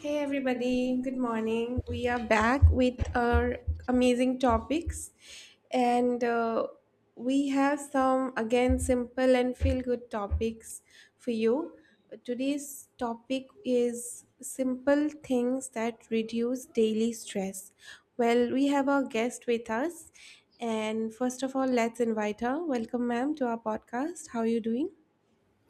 Hey everybody, good morning. We are back with our amazing topics, and we have some again simple and feel good topics for you. Today's topic is simple things that reduce daily stress. Well, we have our guest with us, and first of all, let's invite her. Welcome, ma'am, to our podcast. How are you doing?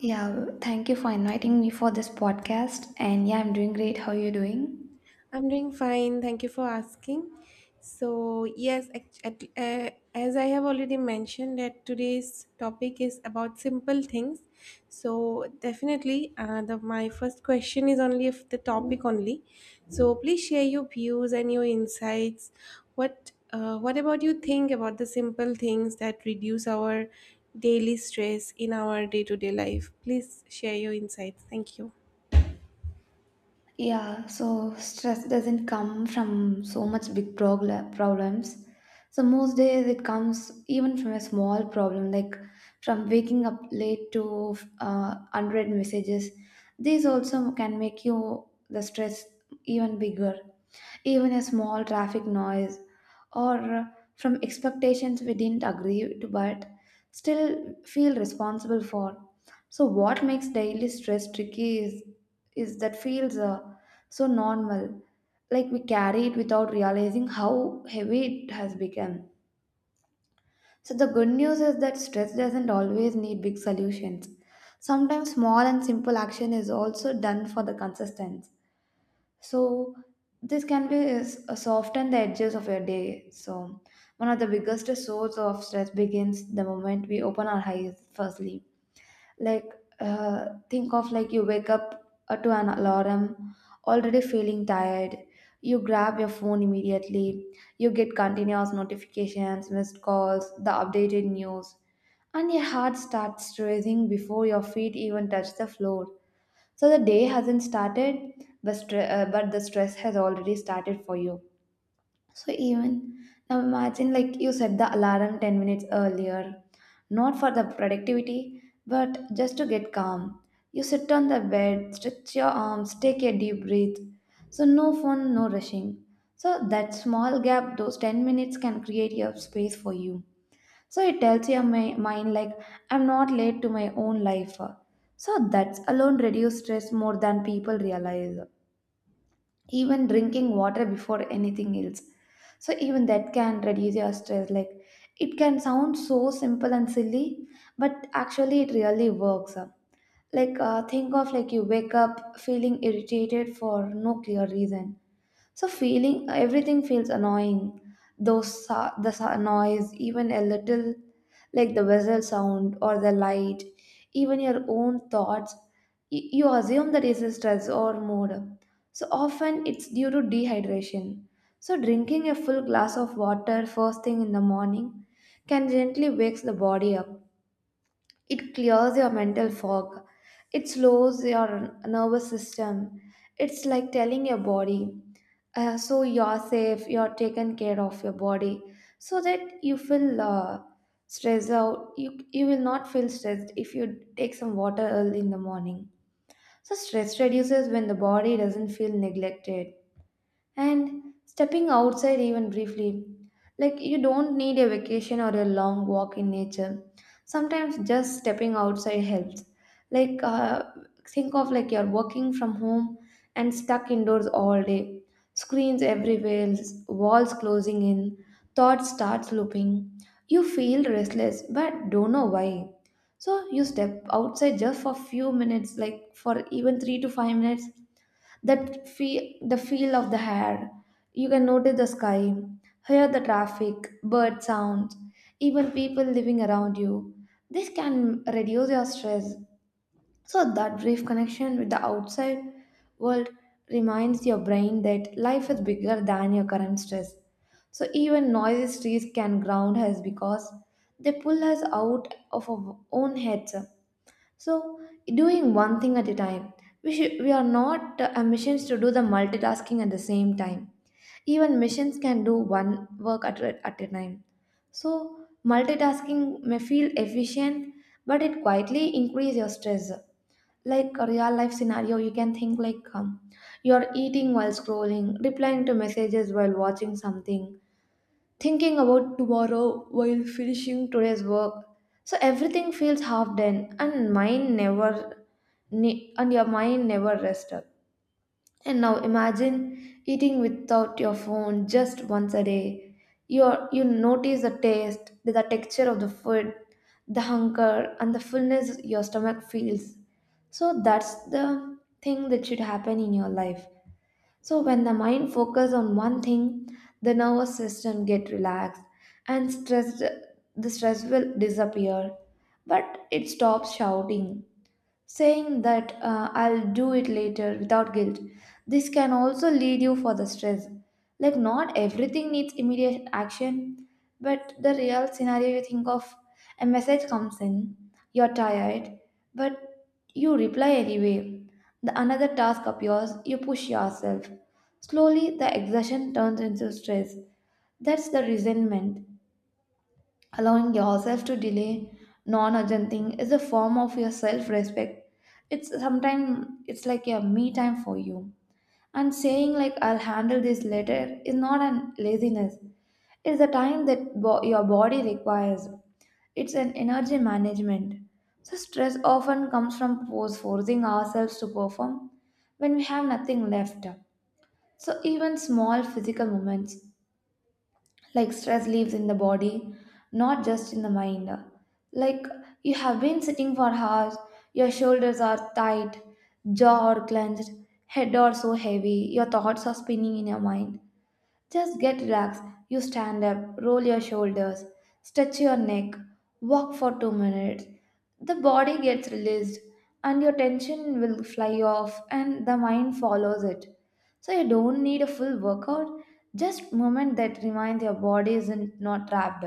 Yeah, thank you for inviting me for this podcast. And yeah, I'm doing great. How are you doing? I'm doing fine. Thank you for asking. So, yes, as I have already mentioned, that today's topic is about simple things. So, definitely, the my first question is only if the topic only. So, please share your views and your insights. What about you think about the simple things that reduce our daily stress in our day to day life? Please share your insights. Thank you. Yeah, so stress doesn't come from so much big problems. So most days it comes even from a small problem, like from waking up late to unread messages. These also can make you the stress even bigger. Even a small traffic noise or from expectations we didn't agree to but still feel responsible for. So what makes daily stress tricky is that feels so normal. Like we carry it without realizing how heavy it has become. So the good news is that stress doesn't always need big solutions. Sometimes small and simple action is also done for the consistency. So this can be soften the edges of your day. So one of the biggest source of stress begins the moment we open our eyes for sleep. Like think of like you wake up to an alarm, already feeling tired. You grab your phone immediately. You get continuous notifications, missed calls, the updated news, and your heart starts racing before your feet even touch the floor. So the day hasn't started, but the stress has already started for you. So even now imagine like you set the alarm 10 minutes earlier, not for the productivity, but just to get calm. You sit on the bed, stretch your arms, take a deep breath. So no phone, no rushing. So that small gap, those 10 minutes can create your space for you. So it tells your mind, like, I'm not late to my own life. So that's alone reduce stress more than people realize. Even drinking water before anything else. So even that can reduce your stress. Like, it can sound so simple and silly, but actually it really works. Like, think of like you wake up feeling irritated for no clear reason so feeling everything feels annoying. The noise, even a little, like the whistle sound or the light, even your own thoughts, you assume that is a stress or mood. So often it's due to dehydration. So drinking a full glass of water first thing in the morning can gently wakes the body up. It clears your mental fog. It slows your nervous system. It's like telling your body, so you're safe, you're taken care of your body, so that you feel stressed out. You will not feel stressed if you take some water early in the morning. So, stress reduces when the body doesn't feel neglected. And stepping outside even briefly, like you don't need a vacation or a long walk in nature. Sometimes just stepping outside helps. Like think of like you're working from home and stuck indoors all day. Screens everywhere, walls closing in, thoughts starts looping. You feel restless but don't know why. So you step outside just for few minutes, like for even 3 to 5 minutes, that feel the feel of the hair, you can notice the sky, hear the traffic, bird sounds, even people living around you. This can reduce your stress. So that brief connection with the outside world reminds your brain that life is bigger than your current stress. So even noisy streets can ground us because they pull us out of our own heads. So, doing one thing at a time. We are not missions to do the multitasking at the same time. Even missions can do one work at a time. So, multitasking may feel efficient, but it quietly increase your stress. Like a real life scenario, you can think like you're eating while scrolling, replying to messages while watching something, thinking about tomorrow while finishing today's work. So everything feels half done, and your mind never rests up. And now imagine eating without your phone just once a day. You notice the taste, the texture of the food, the hunger, and the fullness your stomach feels. So that's the thing that should happen in your life. So when the mind focuses on one thing, the nervous system get relaxed and stress the stress will disappear. But it stops shouting saying that I'll do it later without guilt. This can also lead you for the stress. Like, not everything needs immediate action, but the real scenario you think of a message comes in, you're tired, but you reply anyway. The another task appears, you push yourself. Slowly, the exertion turns into stress. That's the resentment. Allowing yourself to delay non urgent thing is a form of your self respect. It's sometimes it's like a me time for you. And saying like I'll handle this later is not an laziness. It's the time that your body requires. It's an energy management. So stress often comes from pose forcing ourselves to perform when we have nothing left. So even small physical movements, like stress lives in the body, not just in the mind. Like you have been sitting for hours, your shoulders are tight, jaw are clenched, head are so heavy, your thoughts are spinning in your mind, just get relaxed. You stand up, roll your shoulders, stretch your neck, walk for 2 minutes. The body gets released, and your tension will fly off, and the mind follows it. So, you don't need a full workout, just moment that reminds your body isn't not trapped.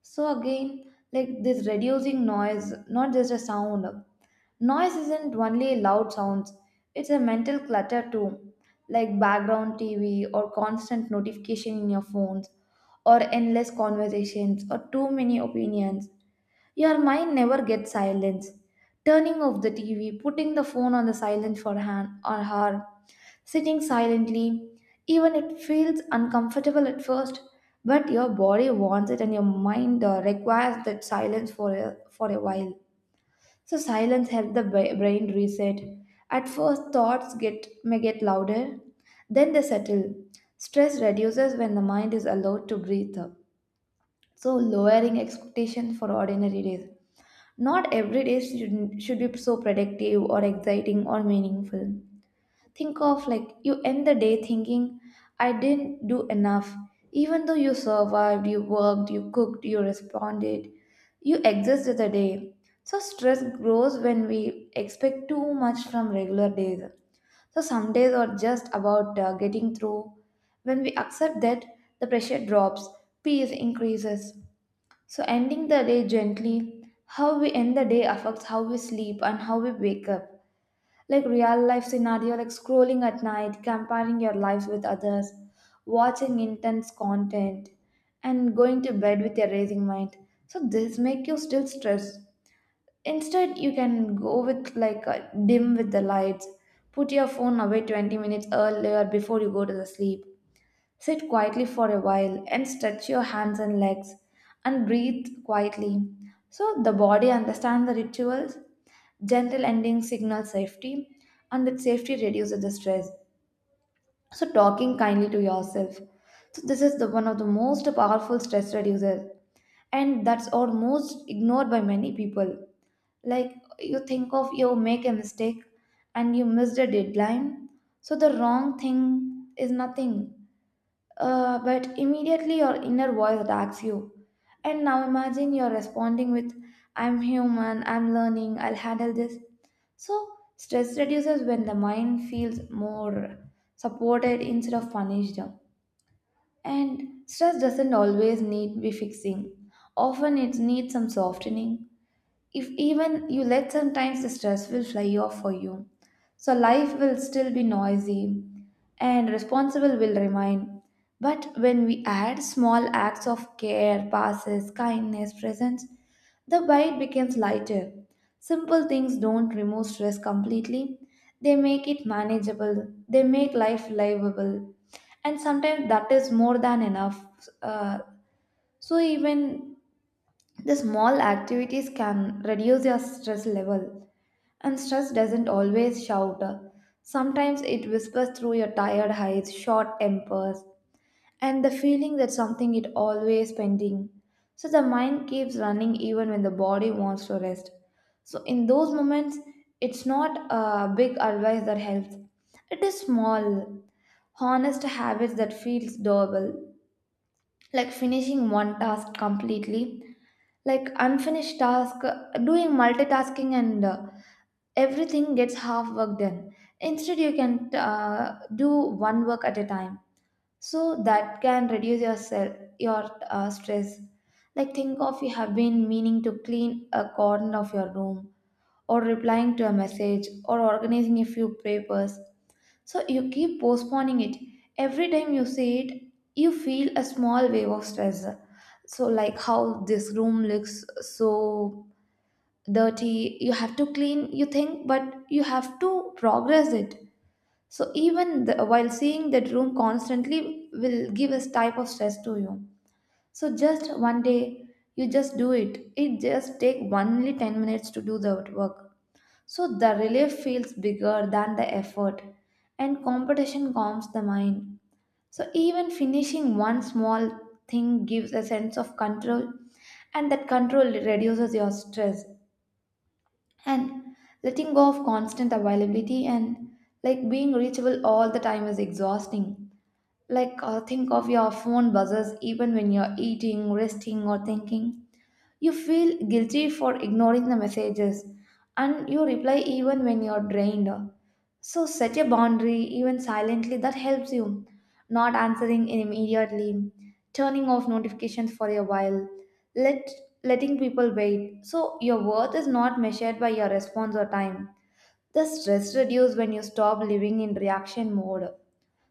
So, again, like this reducing noise, not just a sound. Noise isn't only loud sounds, it's a mental clutter too, like background TV or constant notification in your phones or endless conversations or too many opinions. Your mind never gets silence. Turning off the TV, putting the phone on the silent for han or her, sitting silently, even it feels uncomfortable at first, but your body wants it and your mind requires that silence for for a while. So silence helps the brain reset. At first, thoughts get may get louder, then they settle. Stress reduces when the mind is allowed to breathe up. So lowering expectations for ordinary days. Not every day should be so productive or exciting or meaningful. Think of like you end the day thinking, I didn't do enough. Even though you survived, you worked, you cooked, you responded, you existed the day. So stress grows when we expect too much from regular days. So some days are just about getting through. When we accept that, the pressure drops, peace increases. So ending the day gently, how we end the day affects how we sleep and how we wake up, like real life scenario, like scrolling at night, comparing your lives with others, watching intense content, and going to bed with a racing mind. So this make you still stressed. Instead, you can go with like a dim with the lights, put your phone away 20 minutes earlier before you go to the sleep. Sit quietly for a while and stretch your hands and legs and breathe quietly. So the body understands the rituals. Gentle ending signals safety, and that safety reduces the stress. So talking kindly to yourself. So this is the one of the most powerful stress reducers, and that's almost ignored by many people. Like you think of you make a mistake and you missed a deadline. So the wrong thing is nothing, but immediately your inner voice attacks you. And now imagine you're responding with, I'm human, I'm learning, I'll handle this. So, stress reduces when the mind feels more supported instead of punished. And stress doesn't always need to be fixing. Often it needs some softening. If even you let sometimes the stress will fly off for you. So life will still be noisy, and responsible will remain. But when we add small acts of care, passes, kindness, presence, the bite becomes lighter. Simple things don't remove stress completely. They make it manageable. They make life livable. And sometimes that is more than enough. Uh, so even the small activities can reduce your stress level, and stress doesn't always shout. Sometimes it whispers through your tired eyes, short tempers, and the feeling that something is always pending. So the mind keeps running even when the body wants to rest. So in those moments, it's not a big advice that helps. It is small, honest habits that feels doable, like finishing one task completely, like unfinished task, doing multitasking, and everything gets half work done. Instead, you can do one work at a time, so that can reduce your stress. Like, think of, you have been meaning to clean a corner of your room, or replying to a message, or organizing a few papers. So you keep postponing it. Every time you see it, you feel a small wave of stress. So, like, how this room looks so dirty, you have to clean, you think, but you have to progress it. So even while seeing that room constantly will give us type of stress to you. So just one day, you just do it. It just take only 10 minutes to do the work. So the relief feels bigger than the effort, and competition calms the mind. So even finishing one small thing gives a sense of control, and that control reduces your stress. And letting go of constant availability, and, like, being reachable all the time is exhausting. Like, think of your phone buzzers even when you're eating, resting, or thinking. You feel guilty for ignoring the messages, and you reply even when you're drained. So set a boundary, even silently, that helps you. Not answering immediately, turning off notifications for a while, let letting people wait. So your worth is not measured by your response or time. The stress reduces when you stop living in reaction mode.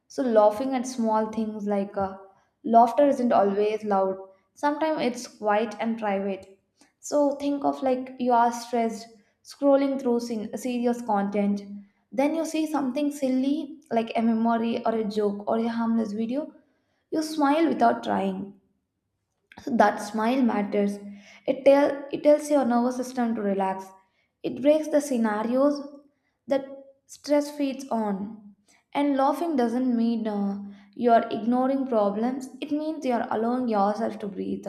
So, laughing at small things, like, laughter isn't always loud, sometimes it's quiet and private. So, think of, like, you are stressed, scrolling through serious content, then you see something silly like a memory or a joke or a harmless video, you smile without trying. So that smile matters. It tells your nervous system to relax. It breaks the scenarios that stress feeds on. And laughing doesn't mean you're ignoring problems, it means you're allowing yourself to breathe.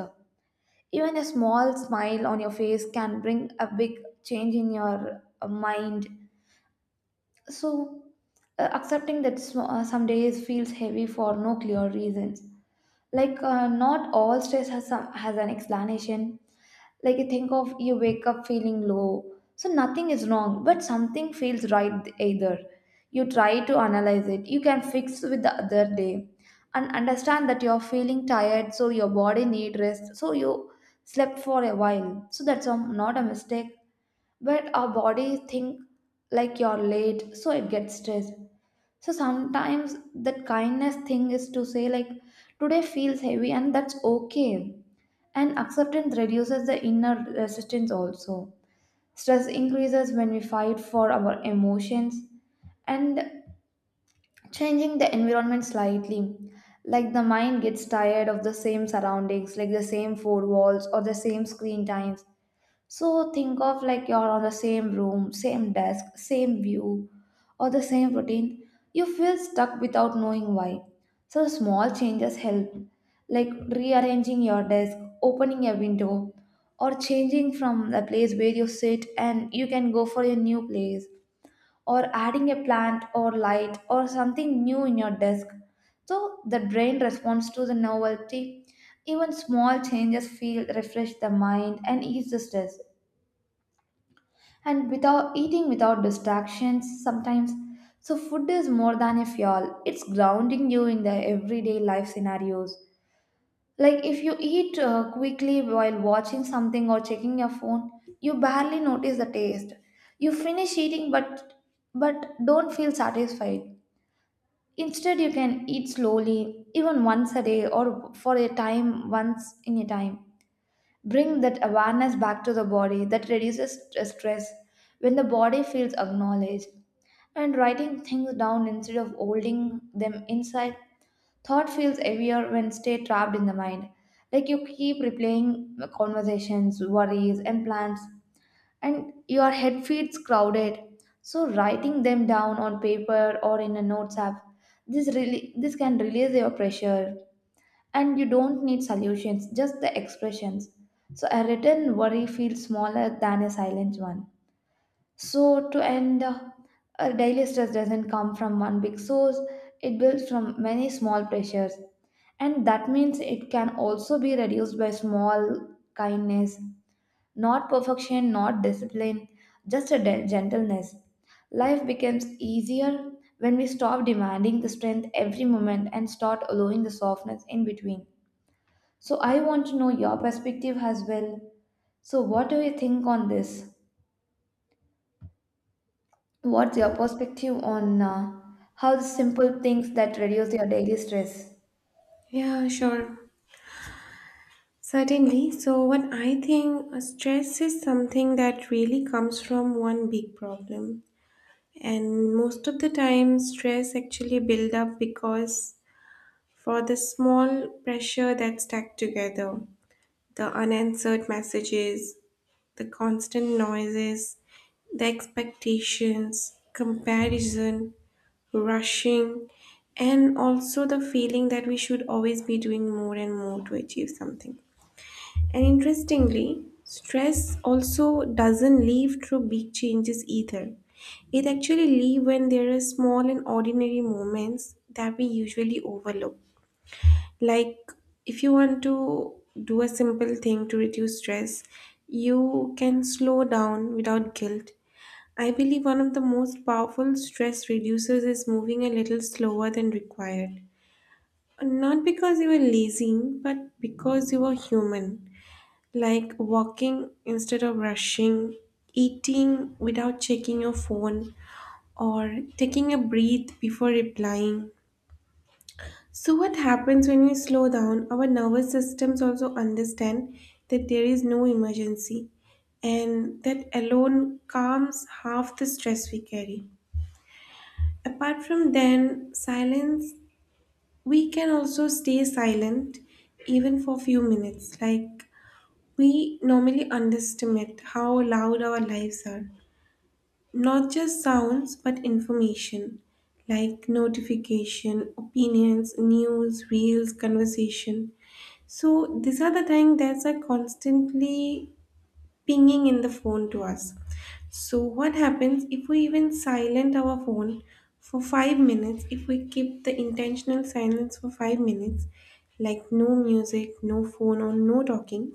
Even a small smile on your face can bring a big change in your mind. So, accepting that some days feels heavy for no clear reasons, like, not all stress has an explanation. Like, you think of, you wake up feeling low, so nothing is wrong but something feels right either. You try to analyze it, you can fix with the other day, and understand that you're feeling tired, so your body need rest, so you slept for a while. So that's not a mistake, but our body think, like, you're late, so it gets stressed. So sometimes that kindness thing is to say, like, today feels heavy, and that's okay. And acceptance reduces the inner resistance also. Stress increases when we fight for our emotions, and changing the environment slightly. Like, the mind gets tired of the same surroundings, like the same four walls or the same screen times. So think of, like, you're on the same room, same desk, same view, or the same routine. You feel stuck without knowing why. So small changes help, like rearranging your desk, opening a window, or changing from the place where you sit and you can go for a new place, or adding a plant or light or something new in your desk. So the brain responds to the novelty. Even small changes feel refresh the mind and ease the stress. And without eating, without distractions sometimes, so food is more than a fuel, it's grounding you in the everyday life scenarios. Like, if you eat quickly while watching something or checking your phone, you barely notice the taste. You finish eating, but don't feel satisfied. Instead, you can eat slowly, even once a day, or for a time, once in a time, bring that awareness back to the body that reduces stress when the body feels acknowledged. And writing things down instead of holding them inside, thought feels heavier when stay trapped in the mind. Like, you keep replaying conversations, worries, and plans, and your head feels crowded. So writing them down on paper or in a notes app, this can release your pressure. And you don't need solutions, just the expressions. So a written worry feels smaller than a silent one. So, to end, a daily stress doesn't come from one big source, it builds from many small pressures. And that means it can also be reduced by small kindness, not perfection, not discipline, just a gentleness. Life becomes easier when we stop demanding the strength every moment and start allowing the softness in between. So I want to know your perspective as well. So what do you think on this? What's your perspective on how the simple things that reduce your daily stress? Yeah, sure. Certainly. So, what I think stress is something that really comes from one big problem. And most of the time, stress actually build up because for the small pressure that's stacked together, the unanswered messages, the constant noises, the expectations, comparison, rushing, and also the feeling that we should always be doing more and more to achieve something. And interestingly, stress also doesn't leave through big changes either. It actually leaves when there are small and ordinary moments that we usually overlook. Like if you want to do a simple thing to reduce stress, you can slow down without guilt. I believe one of the most powerful stress reducers is moving a little slower than required. Not because you are lazy, but because you are human, like walking instead of rushing, eating without checking your phone, or taking a breath before replying. So, what happens when we slow down? Our nervous systems also understand that there is no emergency, and that alone calms half the stress we carry. Apart from then, silence, we can also stay silent even for few minutes, like we normally underestimate how loud our lives are. Not just sounds, but information like notification, opinions, news, reels, conversation. So these are the things that are constantly pinging in the phone to us. So what happens if we even silent our phone for 5 minutes, if we keep the intentional silence for 5 minutes, like no music, no phone or no talking,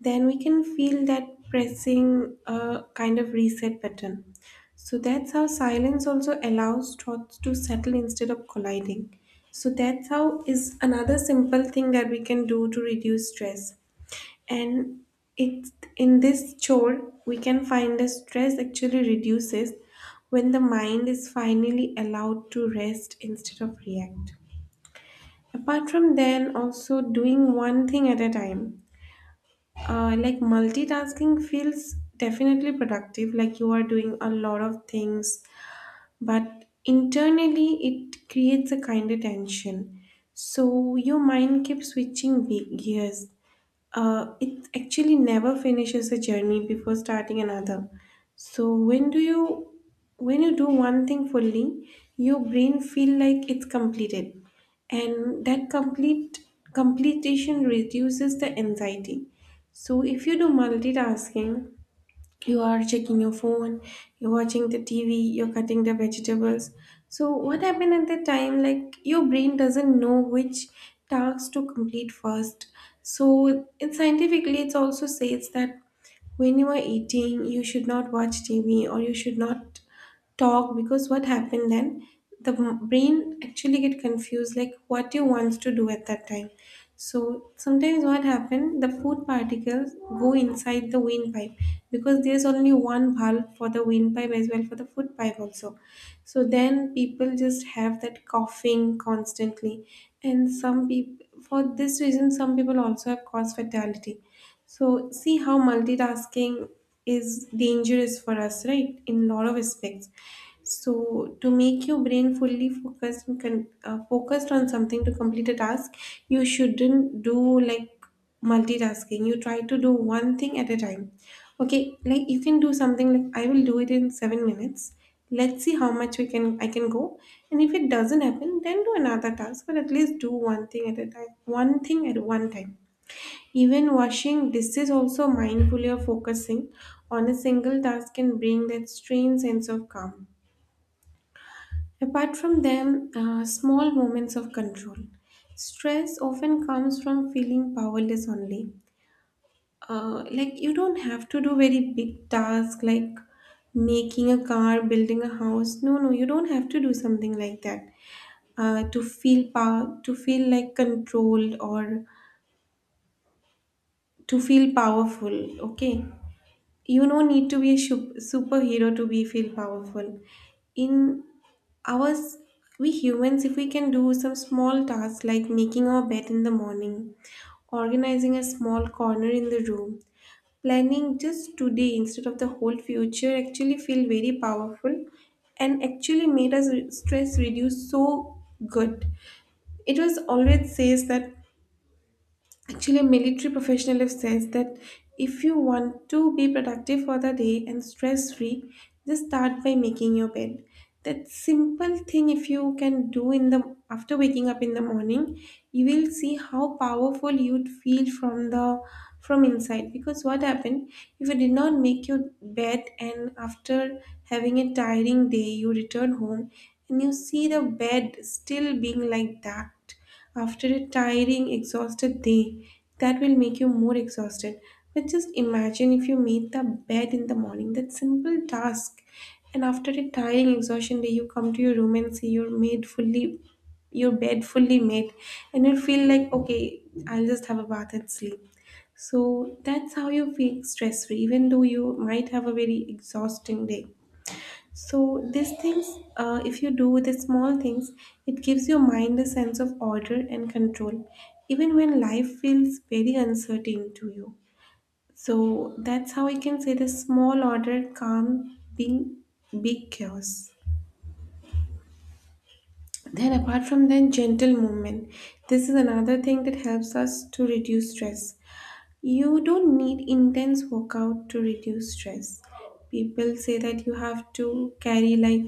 then we can feel that pressing a kind of reset button. So that's how silence also allows thoughts to settle instead of colliding. So that's how is another simple thing that we can do to reduce stress. And it's in this chore we can find the stress actually reduces when the mind is finally allowed to rest instead of react. Apart from then also doing one thing at a time, like multitasking feels definitely productive, like you are doing a lot of things but internally it creates a kind of tension. So your mind keeps gears. It actually never finishes a journey before starting another. So when you do one thing fully, your brain feel like it's completed, and that complete completion reduces the anxiety. So if you do multitasking, you are checking your phone, you're watching the TV, you're cutting the vegetables. So what happened at that time? Like your brain doesn't know which tasks to complete first. So it, scientifically, it also says that when you are eating you should not watch TV or you should not talk, because what happened then, the brain actually get confused like what you want to do at that time. So sometimes what happen, the food particles go inside the windpipe, because there's only one valve for the windpipe as well for the food pipe also. So then people just have that coughing constantly, and some people for this reason, some people also have caused fatality. So see how multitasking is dangerous for us, right? In a lot of aspects. So to make your brain fully focused and focused on something to complete a task, you shouldn't do like multitasking. You try to do one thing at a time. Okay, like you can do something like I will do it in 7 minutes. Let's see how much we can I can go. And if it doesn't happen, then do another task, but at least do one thing at a time. One thing at one time, even washing dishes also mindfully or focusing on a single task can bring that strange sense of calm. Apart from them, small moments of control. Stress often comes from feeling powerless only. Like you don't have to do very big tasks like making a car, building a house. No, no, you don't have to do something like that. To feel power, to feel like controlled or to feel powerful. Okay, you no need to be a superhero to be feel powerful. In ours, we humans, if we can do some small tasks like making our bed in the morning, organizing a small corner in the room, planning just today instead of the whole future, actually feel very powerful and actually made us stress reduce so good. It was always says that actually, a military professional have says that if you want to be productive for the day and stress free, just start by making your bed. That simple thing, if you can do in the after waking up in the morning, you will see how powerful you'd feel from the, from inside. Because what happened if you did not make your bed, and after having a tiring day, you return home and you see the bed still being like that after a tiring, exhausted day, that will make you more exhausted. But just imagine if you made the bed in the morning, that simple task. And after a tiring, exhaustion day, you come to your room and see your made fully your bed fully made, and you feel like, okay, I'll just have a bath and sleep. So that's how you feel stress free even though you might have a very exhausting day. So these things, if you do the small things, it gives your mind a sense of order and control, even when life feels very uncertain to you. So that's how I can say the small order, calm, being big chaos. Then apart from that, gentle movement. This is another thing that helps us to reduce stress. You don't need intense workout to reduce stress. People say that you have to carry like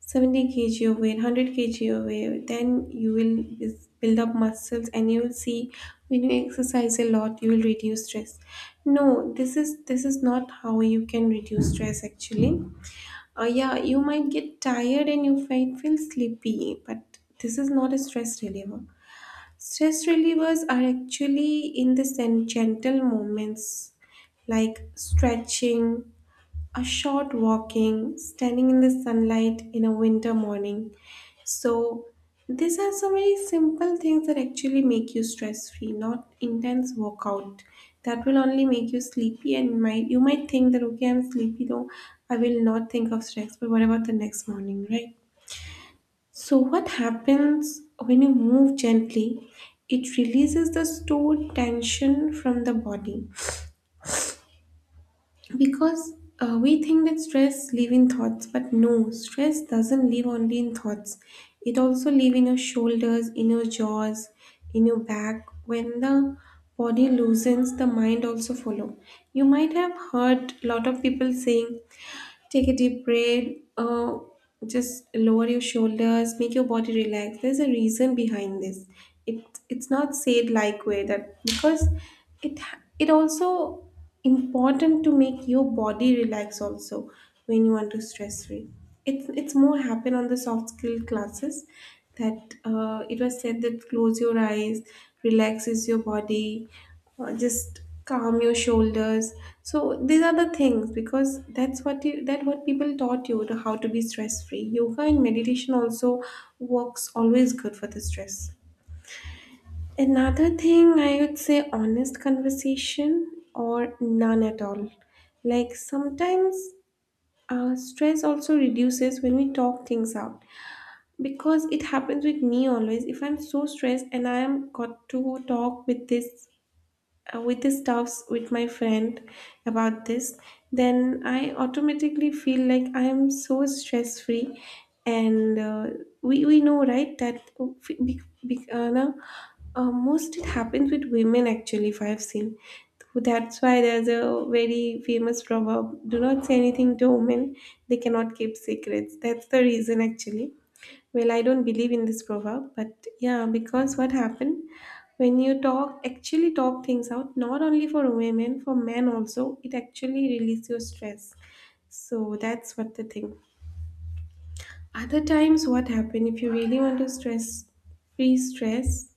70 kg away, 100 kg away, then you will build up muscles, and you will see when you exercise a lot, you will reduce stress. No, this is not how you can reduce stress actually. Yeah, you might get tired and you might feel sleepy, but this is not a stress reliever. Stress relievers are actually in the gentle movements like stretching, a short walking, standing in the sunlight in a winter morning. So, these are some very simple things that actually make you stress free, not intense workout. That will only make you sleepy, and might you might think that, okay, I'm sleepy though. I will not think of stress, but what about the next morning, right? So, what happens when you move gently? It releases the stored tension from the body, because we think that stress live in thoughts, but no, stress doesn't live only in thoughts. It also live in your shoulders, in your jaws, in your back. When the body loosens, the mind also follow. You might have heard lot of people saying, take a deep breath. Uh, just lower your shoulders. Make your body relax. There's a reason behind this. It it's not said like way that, because it it also important to make your body relax also when you want to stress free. It's more happen on the soft skill classes that it was said that close your eyes, relaxes your body, just calm your shoulders. So these are the things, because that's what you, that what people taught you to how to be stress free. Yoga and meditation also works always good for the stress. Another thing I would say, honest conversation or none at all. Like sometimes stress also reduces when we talk things out, because it happens with me always. If I'm so stressed and I am got to talk with this, with the stuffs with my friend about this, then I automatically feel like I am so stress free. And we know, right, that f- be, no, most it happens with women actually, if I've seen. That's why there's a very famous proverb, do not say anything to women, they cannot keep secrets. That's the reason actually. Well, I don't believe in this proverb, but yeah, because what happened, when you talk, actually talk things out, not only for women, for men also, it actually release your stress. So that's what the thing. Other times, what happen if you really want to stress, free stress.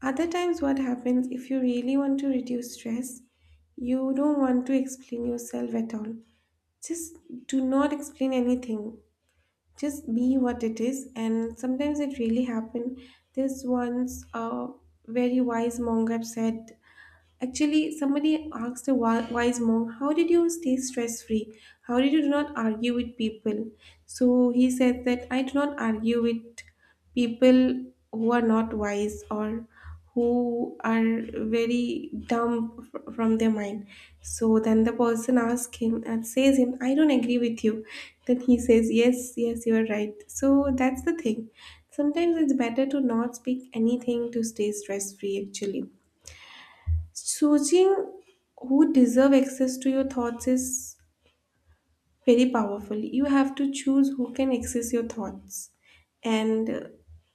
Other times, what happens if you really want to reduce stress, you don't want to explain yourself at all, just do not explain anything, just be what it is. And sometimes it really happen, this once a very wise monk have said. Actually, somebody asked a wise monk, "How did you stay stress free? How did you do not argue with people?" So he said that, "I do not argue with people who are not wise or who are very dumb from their mind." So then the person asks him and says him, "I don't agree with you." Then he says, "Yes, yes, you are right." So that's the thing. Sometimes it's better to not speak anything to stay stress free. Actually, choosing who deserve access to your thoughts is very powerful. You have to choose who can access your thoughts, and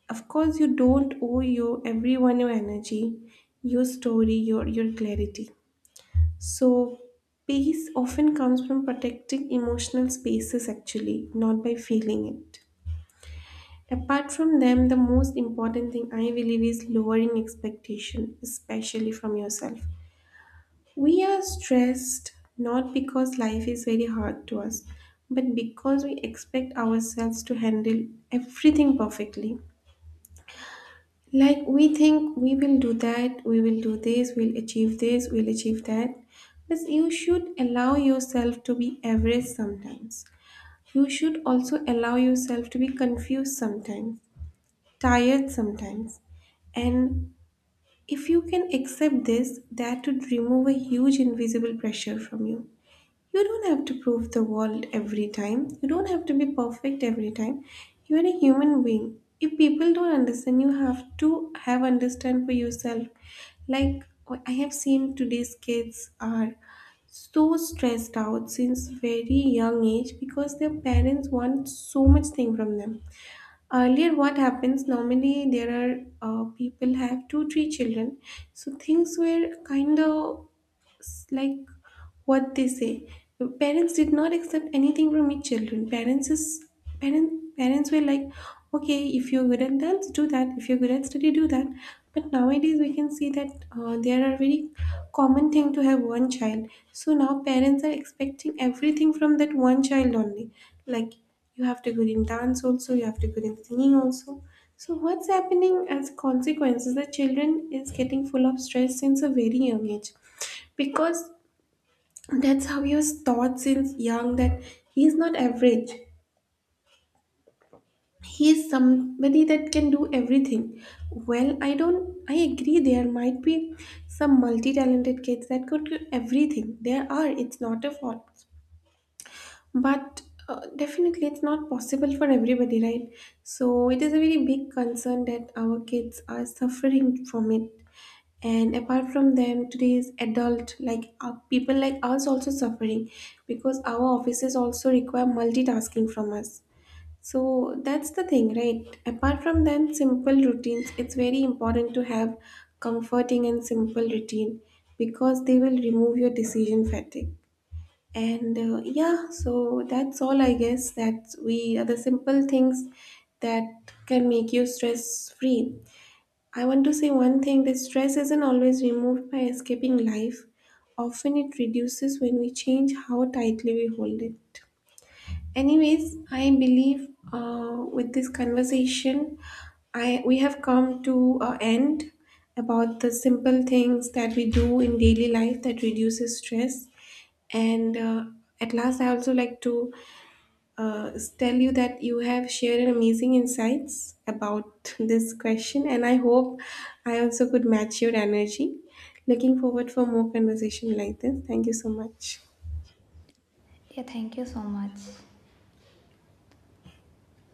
of course you don't owe your everyone your energy, your story, your clarity. So peace often comes from protecting emotional spaces actually, not by feeling it. Apart from them, the most important thing I believe is lowering expectation, especially from yourself. We are stressed not because life is very hard to us, but because we expect ourselves to handle everything perfectly. Like, we think we will do that, we will do this, we'll achieve that. But you should allow yourself to be average sometimes. You should also allow yourself to be confused sometimes, tired sometimes. And if you can accept this, that would remove a huge invisible pressure from you. You don't have to prove the world every time. You don't have to be perfect every time. You are a human being. If people don't understand, you have to have understand for yourself. Like, I have seen today's kids are so stressed out since very young age, because their parents want so much thing from them. Earlier, what happens normally, there are people have two three children, so things were kind of like, what they say. Parents did not accept anything from each children. Parents is parents were like, okay, if you're good at dance, do that. If you're good at study, do that. But nowadays we can see that there are very common thing to have one child. So now parents are expecting everything from that one child only. Like, you have to good in dance also, you have to good in singing also. So what's happening as consequences? The children is getting full of stress since a very young age, because that's how he was taught since young, that he's not average, he's somebody that can do everything. Well, I don't I agree there might be some multi-talented kids that could do everything. There are, it's not a fault, but definitely it's not possible for everybody, right? So it is a very big concern that our kids are suffering from it. And apart from them, today's adult, like people like us also suffering, because our offices also require multitasking from us. So that's the thing, right? Apart from them, simple routines, it's very important to have comforting and simple routine, because they will remove your decision fatigue. And Yeah, so that's all I guess, that we are the simple things that can make you stress free. I want to say one thing, that stress isn't always removed by escaping life. Often it reduces when we change how tightly we hold it. Anyways, I believe, with this conversation, I we have come to an end about the simple things that we do in daily life that reduces stress. And At last, I also like to uh, tell you that you have shared amazing insights about this question, and I hope I also could match your energy. Looking forward for more conversation like this. Thank you so much. Yeah, thank you so much.